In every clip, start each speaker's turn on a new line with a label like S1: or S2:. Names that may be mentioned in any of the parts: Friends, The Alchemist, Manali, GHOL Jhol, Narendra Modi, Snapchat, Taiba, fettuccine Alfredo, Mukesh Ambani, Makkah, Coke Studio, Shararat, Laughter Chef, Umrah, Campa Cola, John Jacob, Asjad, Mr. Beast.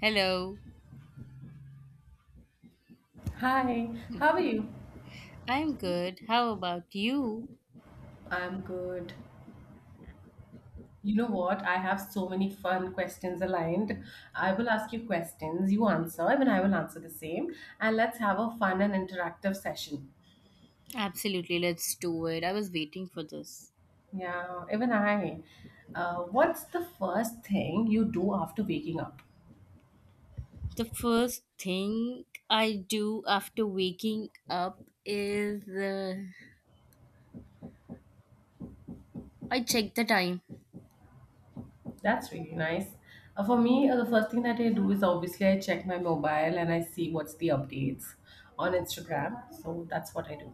S1: Hello.
S2: Hi,
S1: Hmm,
S2: how are you?
S1: I'm good. How about you?
S2: I'm good. You know what? I have so many fun questions aligned. I will ask you questions, you answer, and I will answer the same. And let's have a fun and interactive session.
S1: Absolutely, let's do it. I was waiting for this.
S2: Yeah, even I. What's the first thing you do after waking up?
S1: The first thing I do after waking up is I check the time.
S2: That's really nice. For me, the first thing that I do is obviously I check my mobile and I see what's the updates on Instagram. So that's what I do.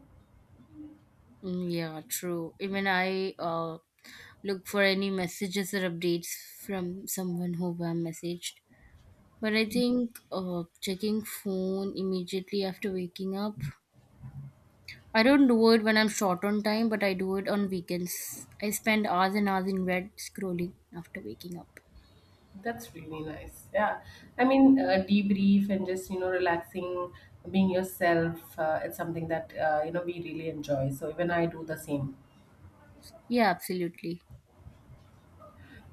S1: Mm, yeah, true. Even I look for any messages or updates from someone who I messaged. But I think checking phone immediately after waking up I don't do it when I'm short on time, but I do it on weekends. I spend hours and hours in bed scrolling after waking up.
S2: That's really nice. Yeah. Debrief and just relaxing, being yourself, it's something that, we really enjoy. So even I do the same.
S1: Yeah, absolutely.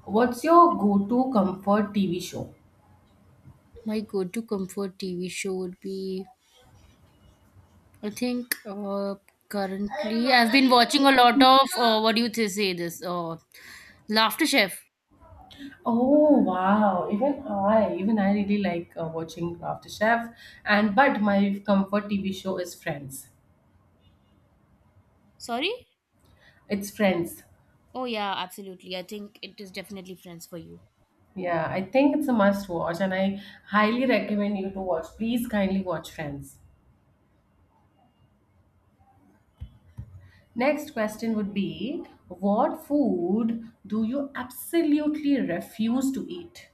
S2: What's your go-to comfort TV show?
S1: My go to comfort TV show would be, I think, currently, I've been watching a lot of, what do you say this? Laughter Chef.
S2: Oh wow! Even I really like watching Chef, and but my comfort TV show is Friends.
S1: Sorry?
S2: It's Friends.
S1: Oh, yeah, absolutely. I think it is definitely Friends for you.
S2: Yeah, I think it's a must watch, and I highly recommend you to watch. Please kindly watch Friends. Next question would be, what food do you absolutely refuse to eat?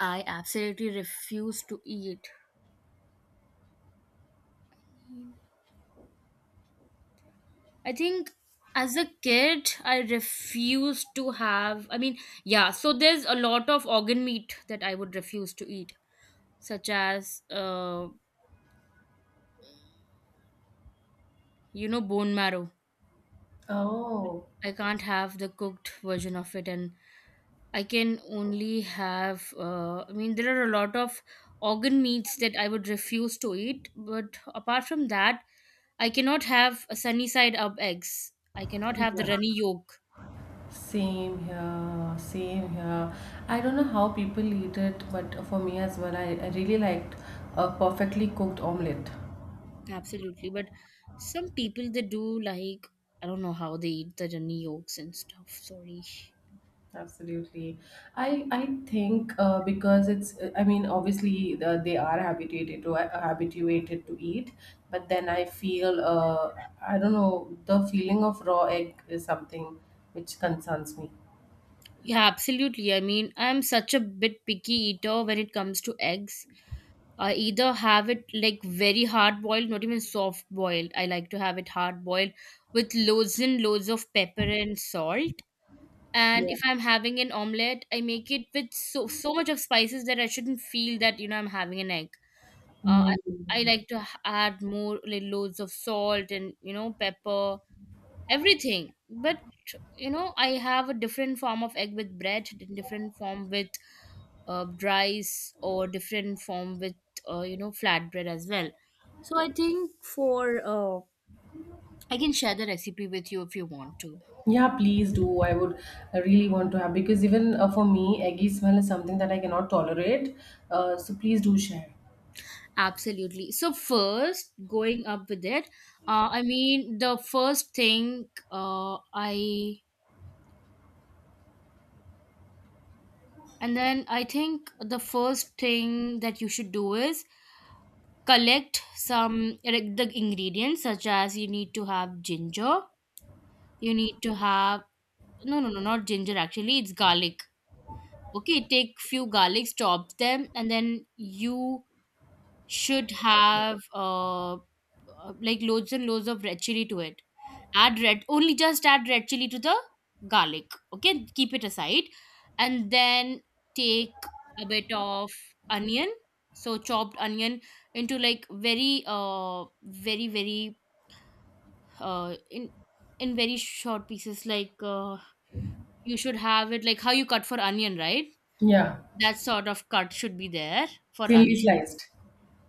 S1: I absolutely refuse to eat, I think, as a kid, I refused to have. I mean, yeah, so there's a lot of organ meat that I would refuse to eat, such as, you know, bone marrow.
S2: Oh,
S1: I can't have the cooked version of it, and I can only have. I mean, there are a lot of organ meats that I would refuse to eat, but apart from that, I cannot have a sunny side up eggs. I cannot have the runny
S2: yeah.
S1: yolk.
S2: Same here, same here. I don't know how people eat it, but for me as well, I really liked a perfectly cooked omelette.
S1: Absolutely. But some people they do like, I don't know how they eat the runny yolks and stuff. Sorry.
S2: Absolutely. I think because it's I mean obviously they are habituated to eat, but then I feel I don't know, the feeling of raw egg is something which concerns me.
S1: Yeah, absolutely. I mean, I'm such a bit picky eater when it comes to eggs. I either have it like very hard boiled, not even soft boiled. I like to have it hard boiled with loads and loads of pepper and salt. And
S2: Yeah.
S1: if I'm having an omelette, I make it with so much of spices that I shouldn't feel that, you know, I'm having an egg. Uh, I, I
S2: Mm.
S1: like to add more like loads of salt and you know pepper, everything. But you know, I have a different form of egg with bread, different form with rice, or different form with you know flatbread as well. So I think for I can share the recipe with you if you want to.
S2: Yeah, please do. I really want to have because even for me, eggy smell is something that I cannot tolerate. So please do share.
S1: Absolutely. So first, going up with it, I mean the first thing I and then I think the first thing that you should do is collect some like the ingredients such as you need to have ginger, you need to have, no not ginger, actually it's garlic. Okay, take few garlics, chop them, and then you should have like loads and loads of red chili to it. Add red, only just add red chili to the garlic. Okay, keep it aside, and then take a bit of onion. So chopped onion into like very, very, very, uh, in in very short pieces. Like you should have it like how you cut for onion, right?
S2: Yeah,
S1: That sort of cut should be there for
S2: thinly
S1: onion,
S2: sliced.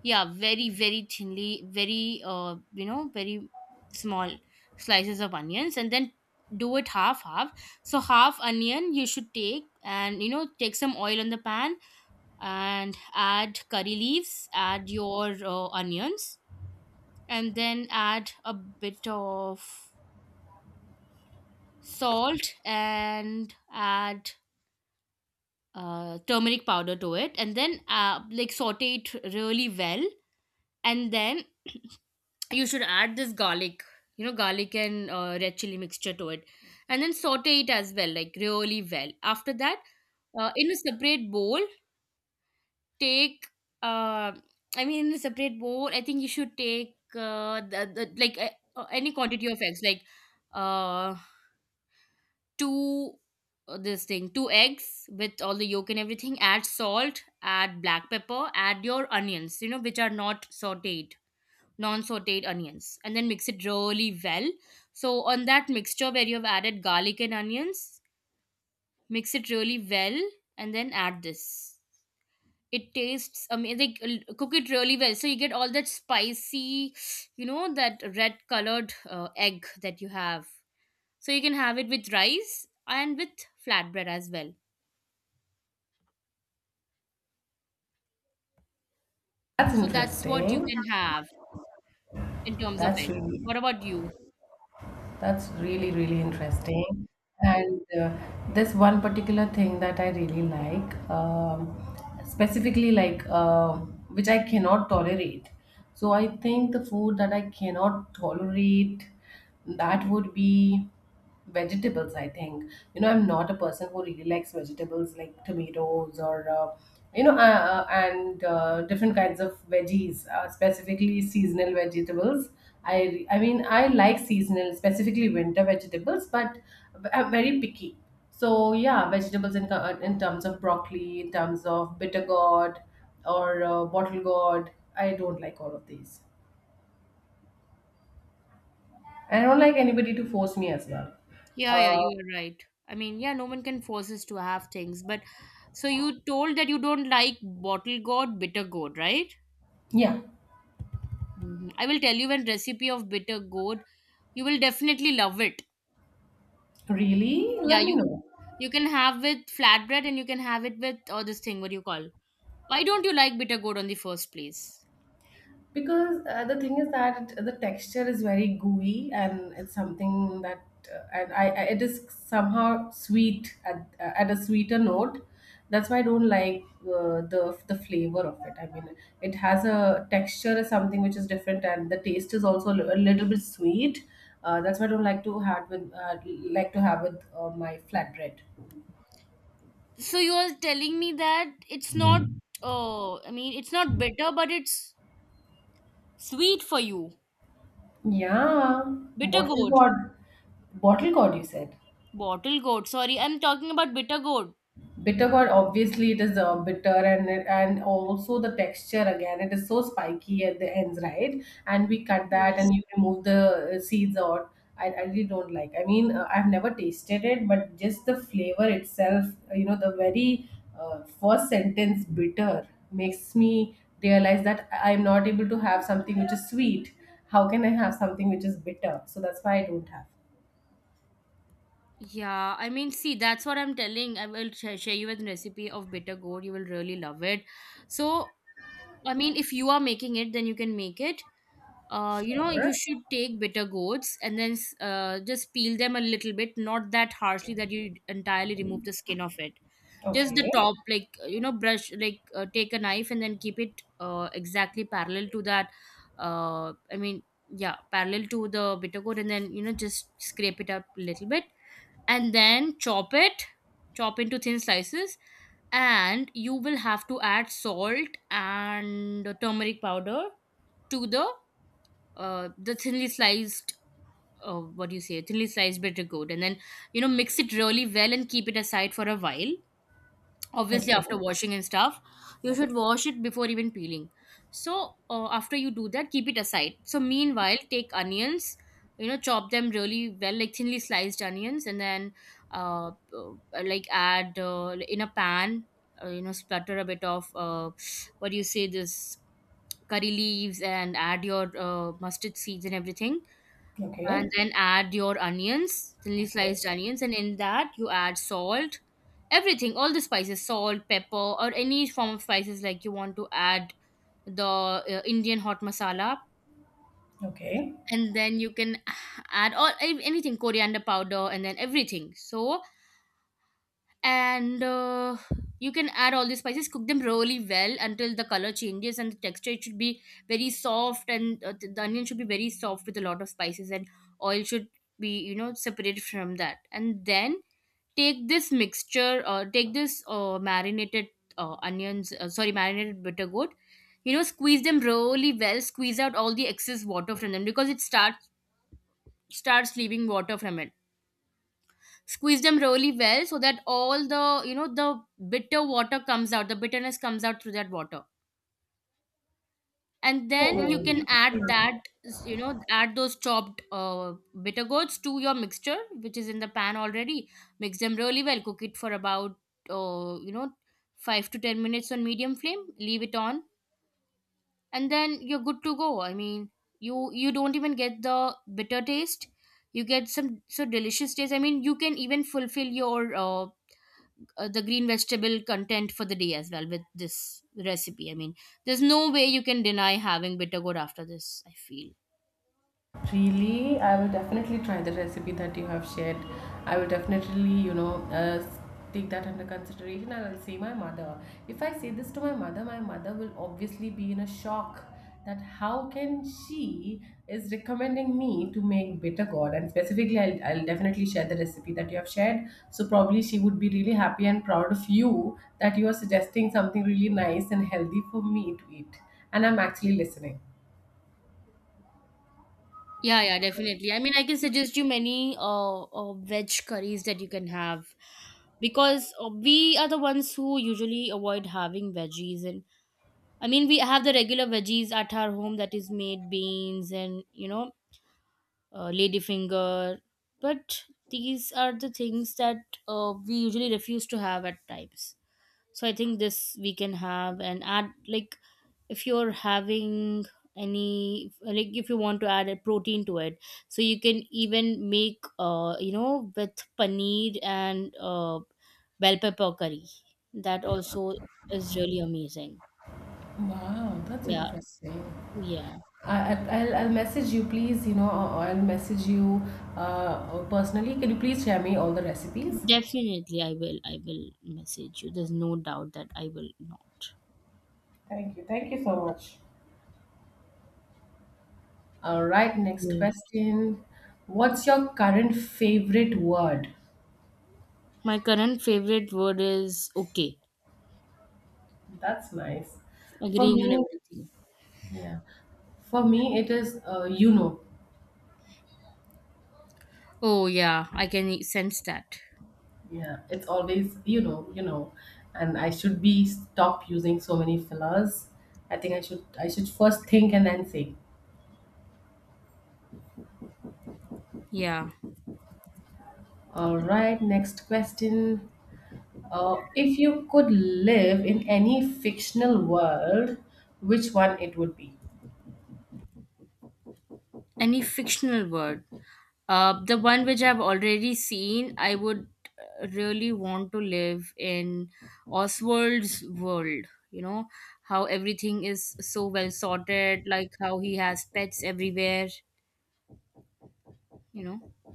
S1: yeah very thinly, very you know very small slices of onions, and then do it half half, so half onion you should take, and you know take some oil on the pan and add curry leaves, add your onions and then add a bit of salt and add turmeric powder to it, and then like saute it really well, and then you should add this garlic, you know garlic and red chili mixture to it, and then saute it as well like really well. After that, in a separate bowl take uh, I mean in a separate bowl I think you should take the like any quantity of eggs like uh, two this thing two eggs with all the yolk and everything, add salt, add black pepper, add your onions, you know, which are not sauteed, non-sauteed onions, and then mix it really well. So on that mixture where you have added garlic and onions, mix it really well and then add this. It tastes amazing. Cook it really well, so you get all that spicy, you know, that red colored egg that you have. So you can have it with rice and with flatbread as well.
S2: That's
S1: So that's what you
S2: interesting.
S1: can have in terms of
S2: That's
S1: egg.
S2: really
S1: What about you?
S2: That's really interesting. And there's one particular thing that I really like, specifically like which I cannot tolerate. So I think the food that I cannot tolerate, that would be vegetables, I think. You know, I'm not a person who really likes vegetables like tomatoes, or you know and different kinds of veggies, specifically seasonal vegetables. I like seasonal, specifically winter vegetables, but I'm very picky. So yeah, vegetables, in terms of broccoli, in terms of bitter gourd or bottle gourd, I don't like all of these. I don't like anybody to force me as well.
S1: Yeah, yeah,
S2: uh,
S1: you are right. I mean, yeah, no one can force us to have things. But so you told that you don't like bottle gourd, bitter gourd, right?
S2: yeah
S1: Hmm, I will tell you one recipe of bitter gourd. You will definitely love it.
S2: Really?
S1: Yeah,
S2: Let me
S1: you
S2: know.
S1: you can have with flatbread and you can have it with, or this thing, what do you call? Why don't you like bitter gourd on the first place?
S2: Because the thing is that the texture is very gooey and it's something that and I it is somehow sweet at a sweeter note. That's why I don't like the flavor of it. I mean, it has a texture is something which is different, and the taste is also a little bit sweet. That's why I don't like to have with like to have with my flatbread.
S1: So you are telling me that it's not. Oh, I mean, it's not bitter, but it's sweet for you.
S2: Yeah,
S1: Bitter
S2: bottle
S1: gourd,
S2: gourd, bottle gourd. You said.
S1: bottle gourd. Sorry, I'm talking about bitter gourd.
S2: Bitter gourd, obviously it is bitter, and also the texture, again, it is so spiky at the ends, right? And we cut that
S1: Okay.
S2: and you remove the seeds out. I really don't like, I've never tasted it, but just the flavor itself, you know, the very first sentence, bitter, makes me realize that I'm not able to have something which is sweet. How can I have something which is bitter? So that's why I don't have.
S1: Yeah, I mean, see, that's what I'm telling. I will share you with recipe of bitter gourd. You will really love it. So, I mean, if you are making it, then you can make it. You know,
S2: Sure.
S1: you should take bitter gourds and then just peel them a little bit, not that harshly that you entirely remove the skin of it. Just
S2: okay
S1: the top, like you know, brush, like take a knife and then keep it exactly parallel to that. Uh, I mean, yeah, parallel to the bitter gourd, and then you know, just scrape it up a little bit and then chop it, chop into thin slices. And you will have to add salt and turmeric powder to the thinly sliced, what do you say, thinly sliced bitter gourd, and then you know mix it really well and keep it aside for a while, obviously after
S2: okay
S1: washing and stuff. You should
S2: okay
S1: wash it before even peeling. So after you do that, keep it aside. So meanwhile take onions, you know, chop them really well, like thinly sliced onions, and then uh, uh, like add in a pan, you know, splatter a bit of what do you say this, curry leaves, and add your mustard seeds and everything, and
S2: okay
S1: then add your onions, thinly sliced onions, and in that you add salt, everything, all the spices, salt, pepper, or any form of spices like you want to add, the Indian hot masala,
S2: Okay.
S1: and then you can add all anything, coriander powder, and then everything. So and you can add all these spices, cook them really well until the color changes and the texture, it should be very soft, and the onion should be very soft with a lot of spices and oil should be, you know, separated from that. And then take this mixture, take this marinated onions sorry, marinated bitter gourd. You know, squeeze them really well, squeeze out all the excess water from them because it starts starts leaving water from it. Squeeze them really well so that all the, you know, the bitter water comes out, the bitterness comes out through that water, and then
S2: Then
S1: you
S2: oh,
S1: can
S2: you
S1: add
S2: can.
S1: that, you know, add those chopped bitter gourds to your mixture which is in the pan already. Mix them really well, cook it for about you know 5 to 10 minutes on medium flame, leave it on, and then you're good to go. I mean, you don't even get the bitter taste, you get some so delicious taste. I mean, you can even fulfill your the green vegetable content for the day as well with this recipe. I mean, there's no way you can deny having bitter gourd after this, I feel.
S2: Really, I will definitely try the recipe that you have shared. I will definitely, take that under consideration and I'll say my mother. If I say this to my mother will obviously be in a shock that how can she is recommending me to make bitter gourd, and specifically I'll definitely share the recipe that you have shared, so probably she would be really happy and proud of you that you are suggesting something really nice and healthy for me to eat, and I'm actually listening.
S1: Yeah, yeah, definitely. I mean, I can suggest you many veg curries that you can have, because we are the ones who usually avoid having veggies. And I mean, we have the regular veggies at our home, that is made beans, and you know, ladyfinger, but these are the things that we usually refuse to have at times. So I think this we can have and add like, if you're having any, like if you want to add a protein to it, so you can even make, uh, you know, with paneer and, uh, bell pepper curry, that also is really amazing.
S2: Wow, that's
S1: Yeah,
S2: interesting.
S1: yeah,
S2: I- will I'll message you, please. You know, or I'll message you personally. Can you please share me all the recipes?
S1: definitely I will, I will message you. There's no doubt that I will not.
S2: Thank you. Thank you so much. All right, next
S1: Yeah,
S2: question. What's your current favorite word?
S1: my current favorite word is okay,
S2: That's nice. For
S1: agreeing on
S2: me,
S1: everything.
S2: yeah. For me, it is you know.
S1: Oh yeah, I can sense that.
S2: Yeah, it's always you know. And I should be stop using so many fillers. I think I should first think and then say.
S1: Yeah.
S2: All right, next question. If you could live in any fictional world, which one it would be?
S1: Any fictional word. The one which I've already seen, I would, really want to live in Oswald's world. You know, how everything is so well sorted, like how he has pets everywhere. You know,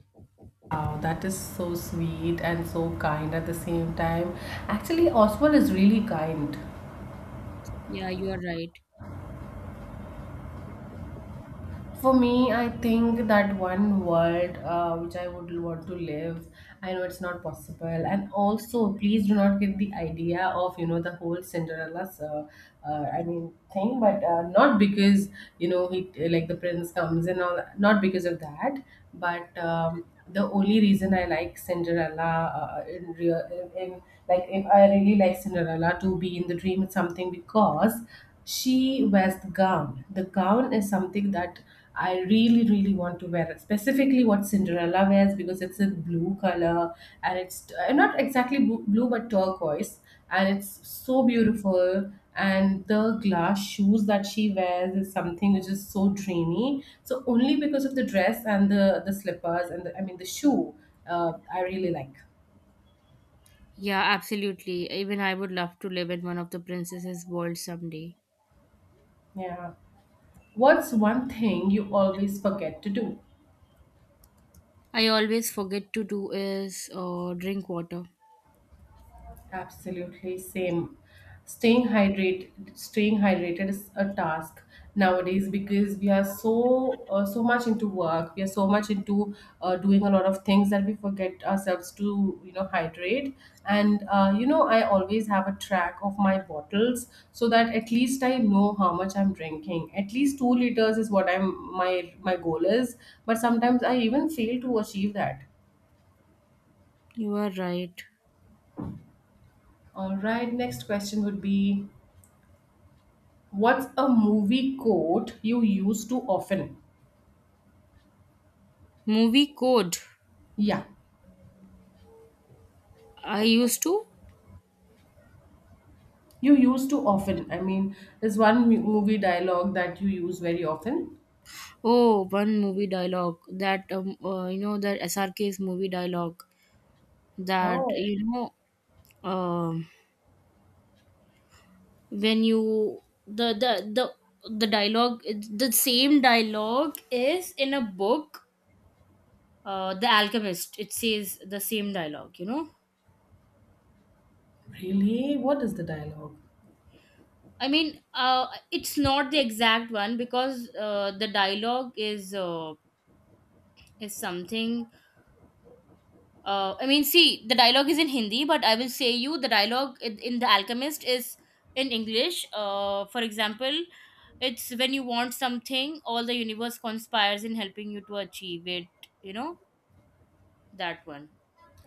S2: Wow, that is so sweet and so kind at the same time. Actually, Oswald is really kind.
S1: yeah, you are right.
S2: For me, I think that one world which I would want to live, I know it's not possible. And also, please do not get the idea of, you know, the whole Cinderella's, thing, but not because, you know, he, like the prince comes and all, not because of that, but the only reason I like Cinderella in like, if I really like Cinderella to be in the dream, it's something because she wears the gown. The gown is something that I really, really want to wear. Specifically, what Cinderella wears, because it's a blue color, and it's not exactly blue but turquoise, and it's so beautiful. And the glass shoes that she wears is something which is so dreamy. So only because of the dress and the slippers and the shoe, I really like.
S1: Yeah, absolutely. Even I would love to live in one of the princesses' world someday.
S2: Yeah. What's one thing you always forget to do?
S1: I always forget to do is drink water.
S2: Absolutely, same. Staying hydrated is a task nowadays because we are so so much into work. We are so much into doing a lot of things that we forget ourselves to you know hydrate. And you know, I always have a track of my bottles so that at least I know how much I'm drinking. At least 2 liters is what I'm my my goal is. But sometimes I even fail to achieve that.
S1: You are right.
S2: All right, next question would be. What's a movie quote you use too often?
S1: Movie code.
S2: Yeah,
S1: I used to
S2: you use too often. I mean, there's one movie dialogue that you use very often.
S1: Oh, one movie dialogue that you know, that S R K's movie dialogue that
S2: Oh,
S1: know um, when you the the the dialogue, it's the same dialogue is in a book, The Alchemist. It says the same dialogue, you know.
S2: really? What is the dialogue?
S1: I mean, it's not the exact one because the dialogue is something I mean, see, the dialogue is in Hindi, but I will say you the dialogue in The Alchemist is in English. For example, it's when you want something, all the universe conspires in helping you to achieve it. You know, that one.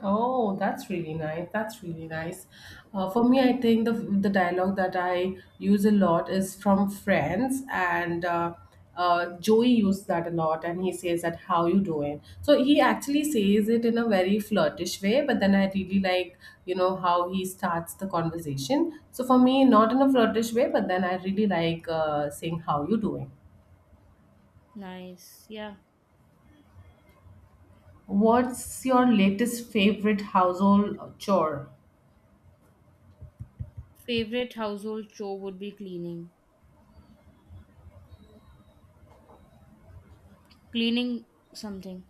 S2: Oh, that's really nice. That's really nice. For me, I think the dialogue that I use a lot is from Friends, and Joey used that a lot, and he says that, "How you doing?" So he actually says it in a very flirtish way, but then I really like you know how he starts the conversation. So for me, not in a flirtish way, but then I really like saying, "How you doing?"
S1: Nice. Yeah.
S2: What's your latest favorite household chore?
S1: Favorite household chore would be cleaning. Cleaning something.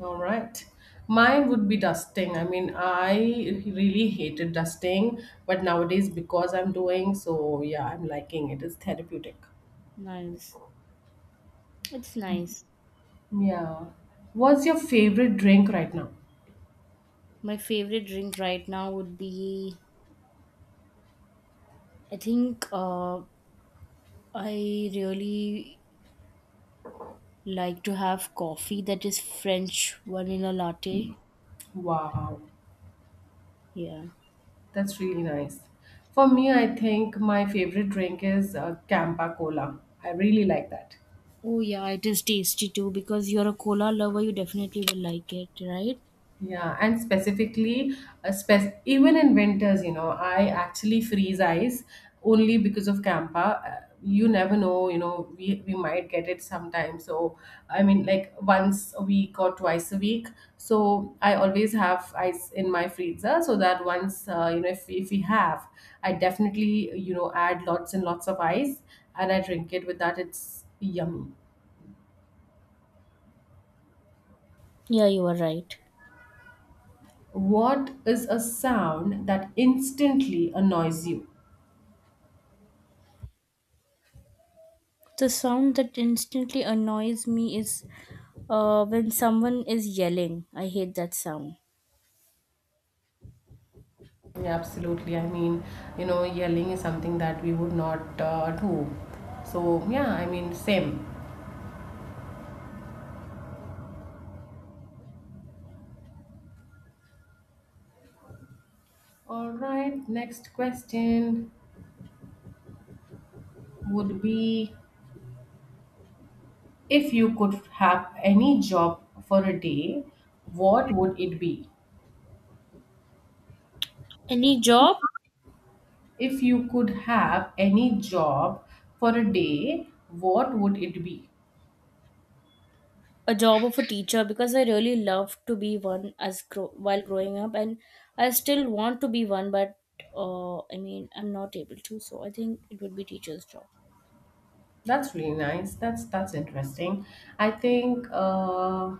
S2: All right. Mine would be dusting. I mean, I really hated dusting, but nowadays because I'm doing so, yeah, I'm liking it. It's therapeutic.
S1: Nice. It's nice.
S2: Yeah. What's your favorite drink right now?
S1: My favorite drink right now would be, I think, I really like to have coffee that is French vanilla latte.
S2: Wow,
S1: Yeah.
S2: that's really nice. For me, I think my favorite drink is Campa Cola. I really like that.
S1: Oh yeah, it is tasty too because you're a cola lover, you definitely will like it, right?
S2: Yeah, and specifically, even in winters, you know, I actually freeze ice only because of Campa. You never know, you know, we might get it sometime. So, I mean, like once a week or twice a week. So, I always have ice in my freezer so that once, you know, if we have, I definitely, you know, add lots and lots of ice and I drink it with that. It's yummy.
S1: Yeah, you are right.
S2: What is a sound that instantly annoys you?
S1: The sound that instantly annoys me is when someone is yelling. I hate that sound.
S2: Absolutely. I mean, you know, yelling is something that we would not do. So, yeah, I mean, same. All right, next question would be, if you could have any job for a day, what would it be?
S1: Any job?
S2: If you could have any job for a day, what would it be?
S1: A job of a teacher because I really love to be one as while growing up, and I still want to be one, but I mean I'm not able to. So I think it would be teacher's job.
S2: That's really nice. That's interesting. I think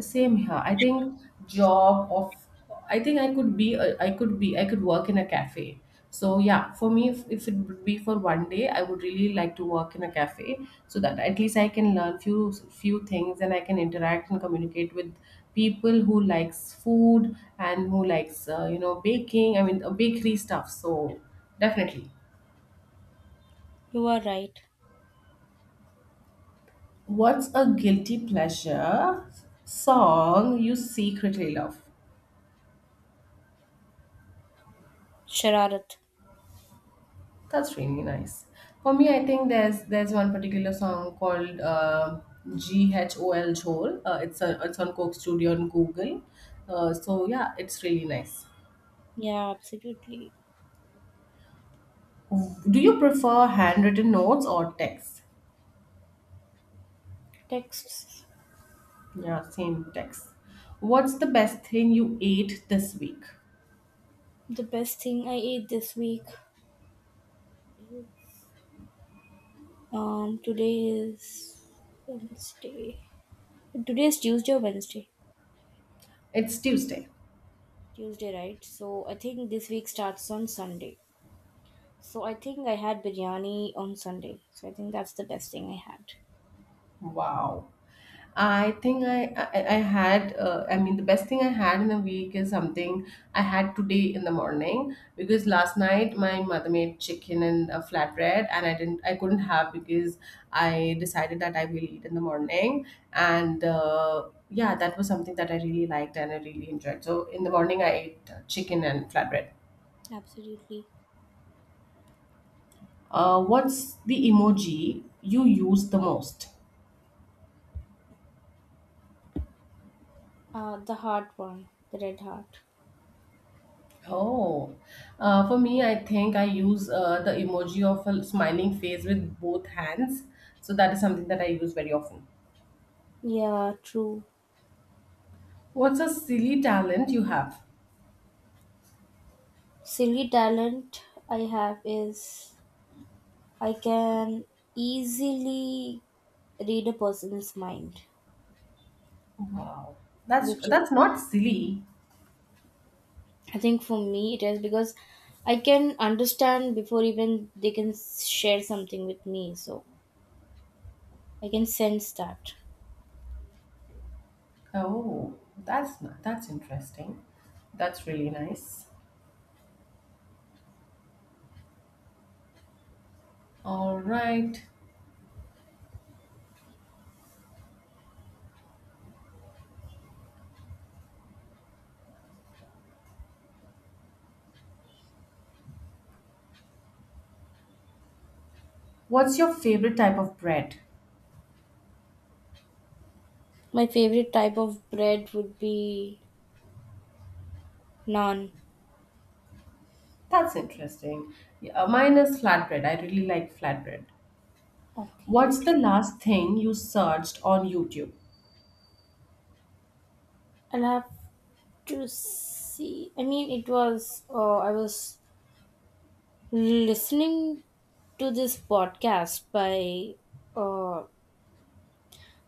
S2: same here. I think job of I think I could be I could work in a cafe. So yeah, for me, if it would be for one day, I would really like to work in a cafe so that at least I can learn few things and I can interact and communicate with people who likes food and who likes you know, baking. I mean bakery stuff. So definitely.
S1: You are right.
S2: What's a guilty pleasure song you secretly love?
S1: Shararat.
S2: That's really nice. For me, I think there's one particular song called GHOL Jhol. It's on Coke Studio on Google. So yeah, it's really nice.
S1: Yeah, absolutely.
S2: Do you prefer handwritten notes or text?
S1: Texts.
S2: Yeah, same text. What's the best thing you ate this week?
S1: The best thing I ate this week. Today is Wednesday. Today is Tuesday or Wednesday?
S2: It's Tuesday.
S1: Tuesday, right? So I think this week starts on Sunday. So I think I had biryani on Sunday. So I think that's the best thing I had.
S2: Wow. I had I mean the best thing I had in a week is something I had today in the morning, because last night my mother made chicken and a flatbread and I couldn't have because I decided that I will eat in the morning, and yeah, that was something that I really liked and I really enjoyed. So in the morning I ate chicken and flatbread.
S1: Absolutely.
S2: What's the emoji you use the most?
S1: The heart one, the red heart.
S2: Oh, for me, I think I use the emoji of a smiling face with both hands. So that is something that I use very often.
S1: Yeah, true.
S2: What's a silly talent you have?
S1: Silly talent I have is I can easily read a person's mind.
S2: Wow, that's
S1: Which is-
S2: not silly.
S1: I think for me it is because I can understand before even they can share something with me. So I can sense that.
S2: Oh, that's not, that's interesting. That's really nice. All right. What's your favorite type of bread?
S1: My favorite type of bread would be naan.
S2: That's interesting. Yeah, mine is flatbread. I really like flatbread.
S1: Okay.
S2: What's the last thing you searched on YouTube?
S1: I'll have to see. I mean, it was, I was listening to this podcast by uh,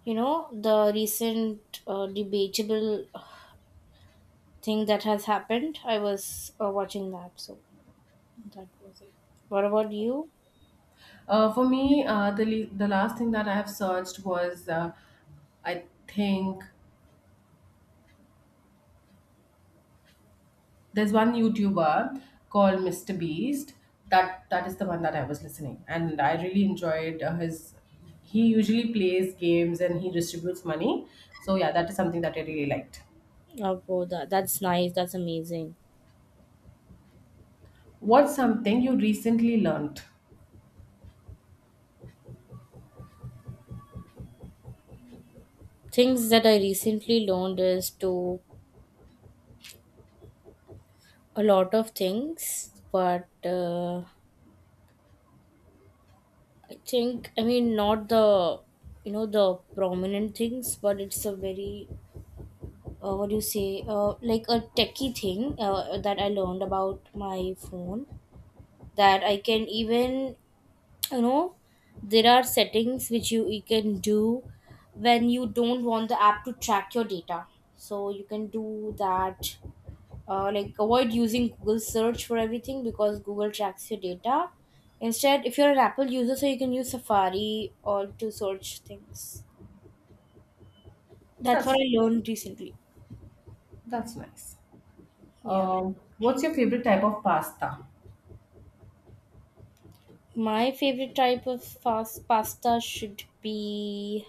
S1: you know, the recent debatable thing that has happened. I was watching that, so that was it. What about you?
S2: For me, the last thing that I have searched was I think there's one YouTuber called Mr. Beast. That is the one that I was listening, and I really enjoyed his. He usually plays games and he distributes money. So yeah, that is something that I really liked.
S1: Oh wow, that's nice, that's amazing.
S2: What's something you recently learned?
S1: Things that I recently learned is to a lot of things, but I think, I mean, not the, you know, the prominent things, but it's a very, what do you say, like a techie thing that I learned about my phone, that I can even, you know, there are settings which you can do when you don't want the app to track your data. So you can do that, like avoid using Google search for everything because Google tracks your data. Instead, if you're an Apple user, so you can use Safari or to search things. That's what
S2: That's
S1: I learned recently.
S2: that's nice.
S1: Yeah.
S2: What's your favorite type of pasta?
S1: My favorite type of fast pasta should be,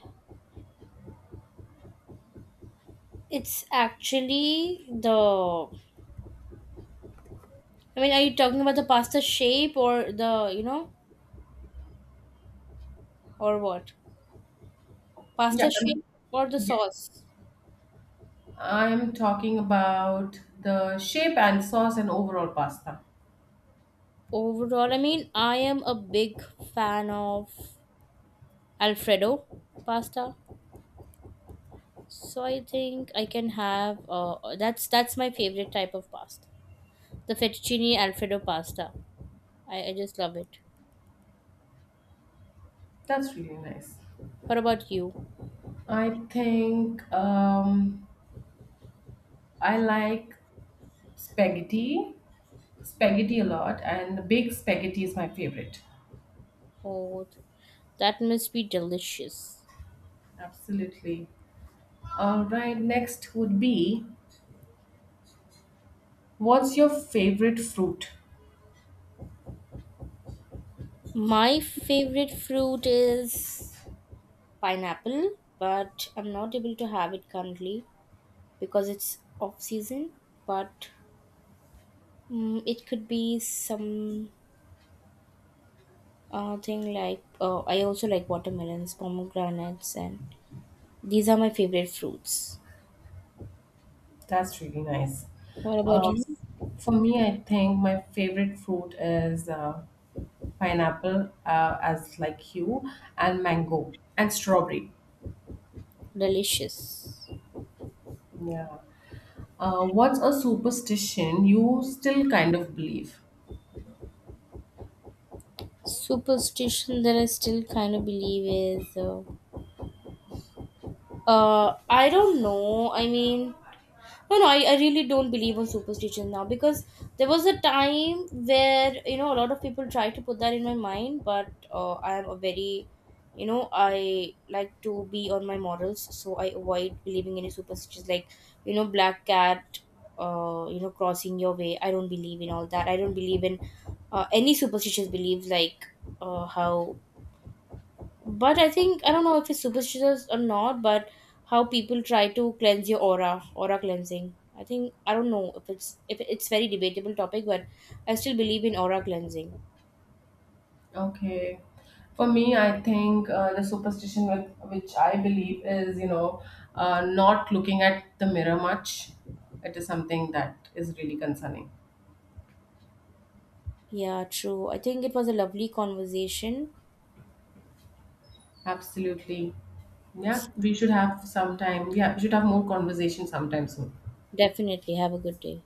S1: it's actually the, I mean, are you talking about the pasta shape or the, you know, or what?
S2: Yeah,
S1: Pasta shape or the
S2: yes.
S1: sauce?
S2: I'm talking about the shape and sauce and overall pasta.
S1: Overall, I mean, I am a big fan of Alfredo pasta. So I think I can have that's my favorite type of pasta. The fettuccine Alfredo pasta. I just love it.
S2: That's really nice.
S1: What about you?
S2: I think I like spaghetti, spaghetti a lot, and the big spaghetti is my favorite.
S1: Oh, that must be delicious.
S2: Absolutely. All right, next would be, what's your favorite fruit?
S1: My favorite fruit is pineapple, but I'm not able to have it currently because it's off season. But it could be some thing like, I also like watermelons, pomegranates, and these are my favorite fruits.
S2: That's really nice.
S1: What about
S2: Uh,
S1: you?
S2: for me, I think my favorite fruit is pineapple, as like you, and mango and strawberry.
S1: Delicious.
S2: Yeah. What's a superstition you still kind of believe?
S1: Superstition that I still kind of believe is I don't know. I mean, no no I really don't believe on superstitions now because there was a time where, you know, a lot of people try to put that in my mind, but I am a very, you know, I like to be on my morals, so I avoid believing any superstitions, like, you know, black cat, you know, crossing your way. I don't believe in all that. I don't believe in any superstitious beliefs like how but I think I don't know if it's superstitious or not, but how people try to cleanse your aura, aura cleansing. I think I don't know if it's very debatable topic, but I still believe in aura cleansing.
S2: Okay, for me, I think the superstition which I believe is, you know, not looking at the mirror much. It is something that is really concerning.
S1: Yeah, true. I think it was a lovely conversation.
S2: Absolutely. Yeah, we should have some time. Yeah, we should have more conversation sometime soon.
S1: Definitely have a good day.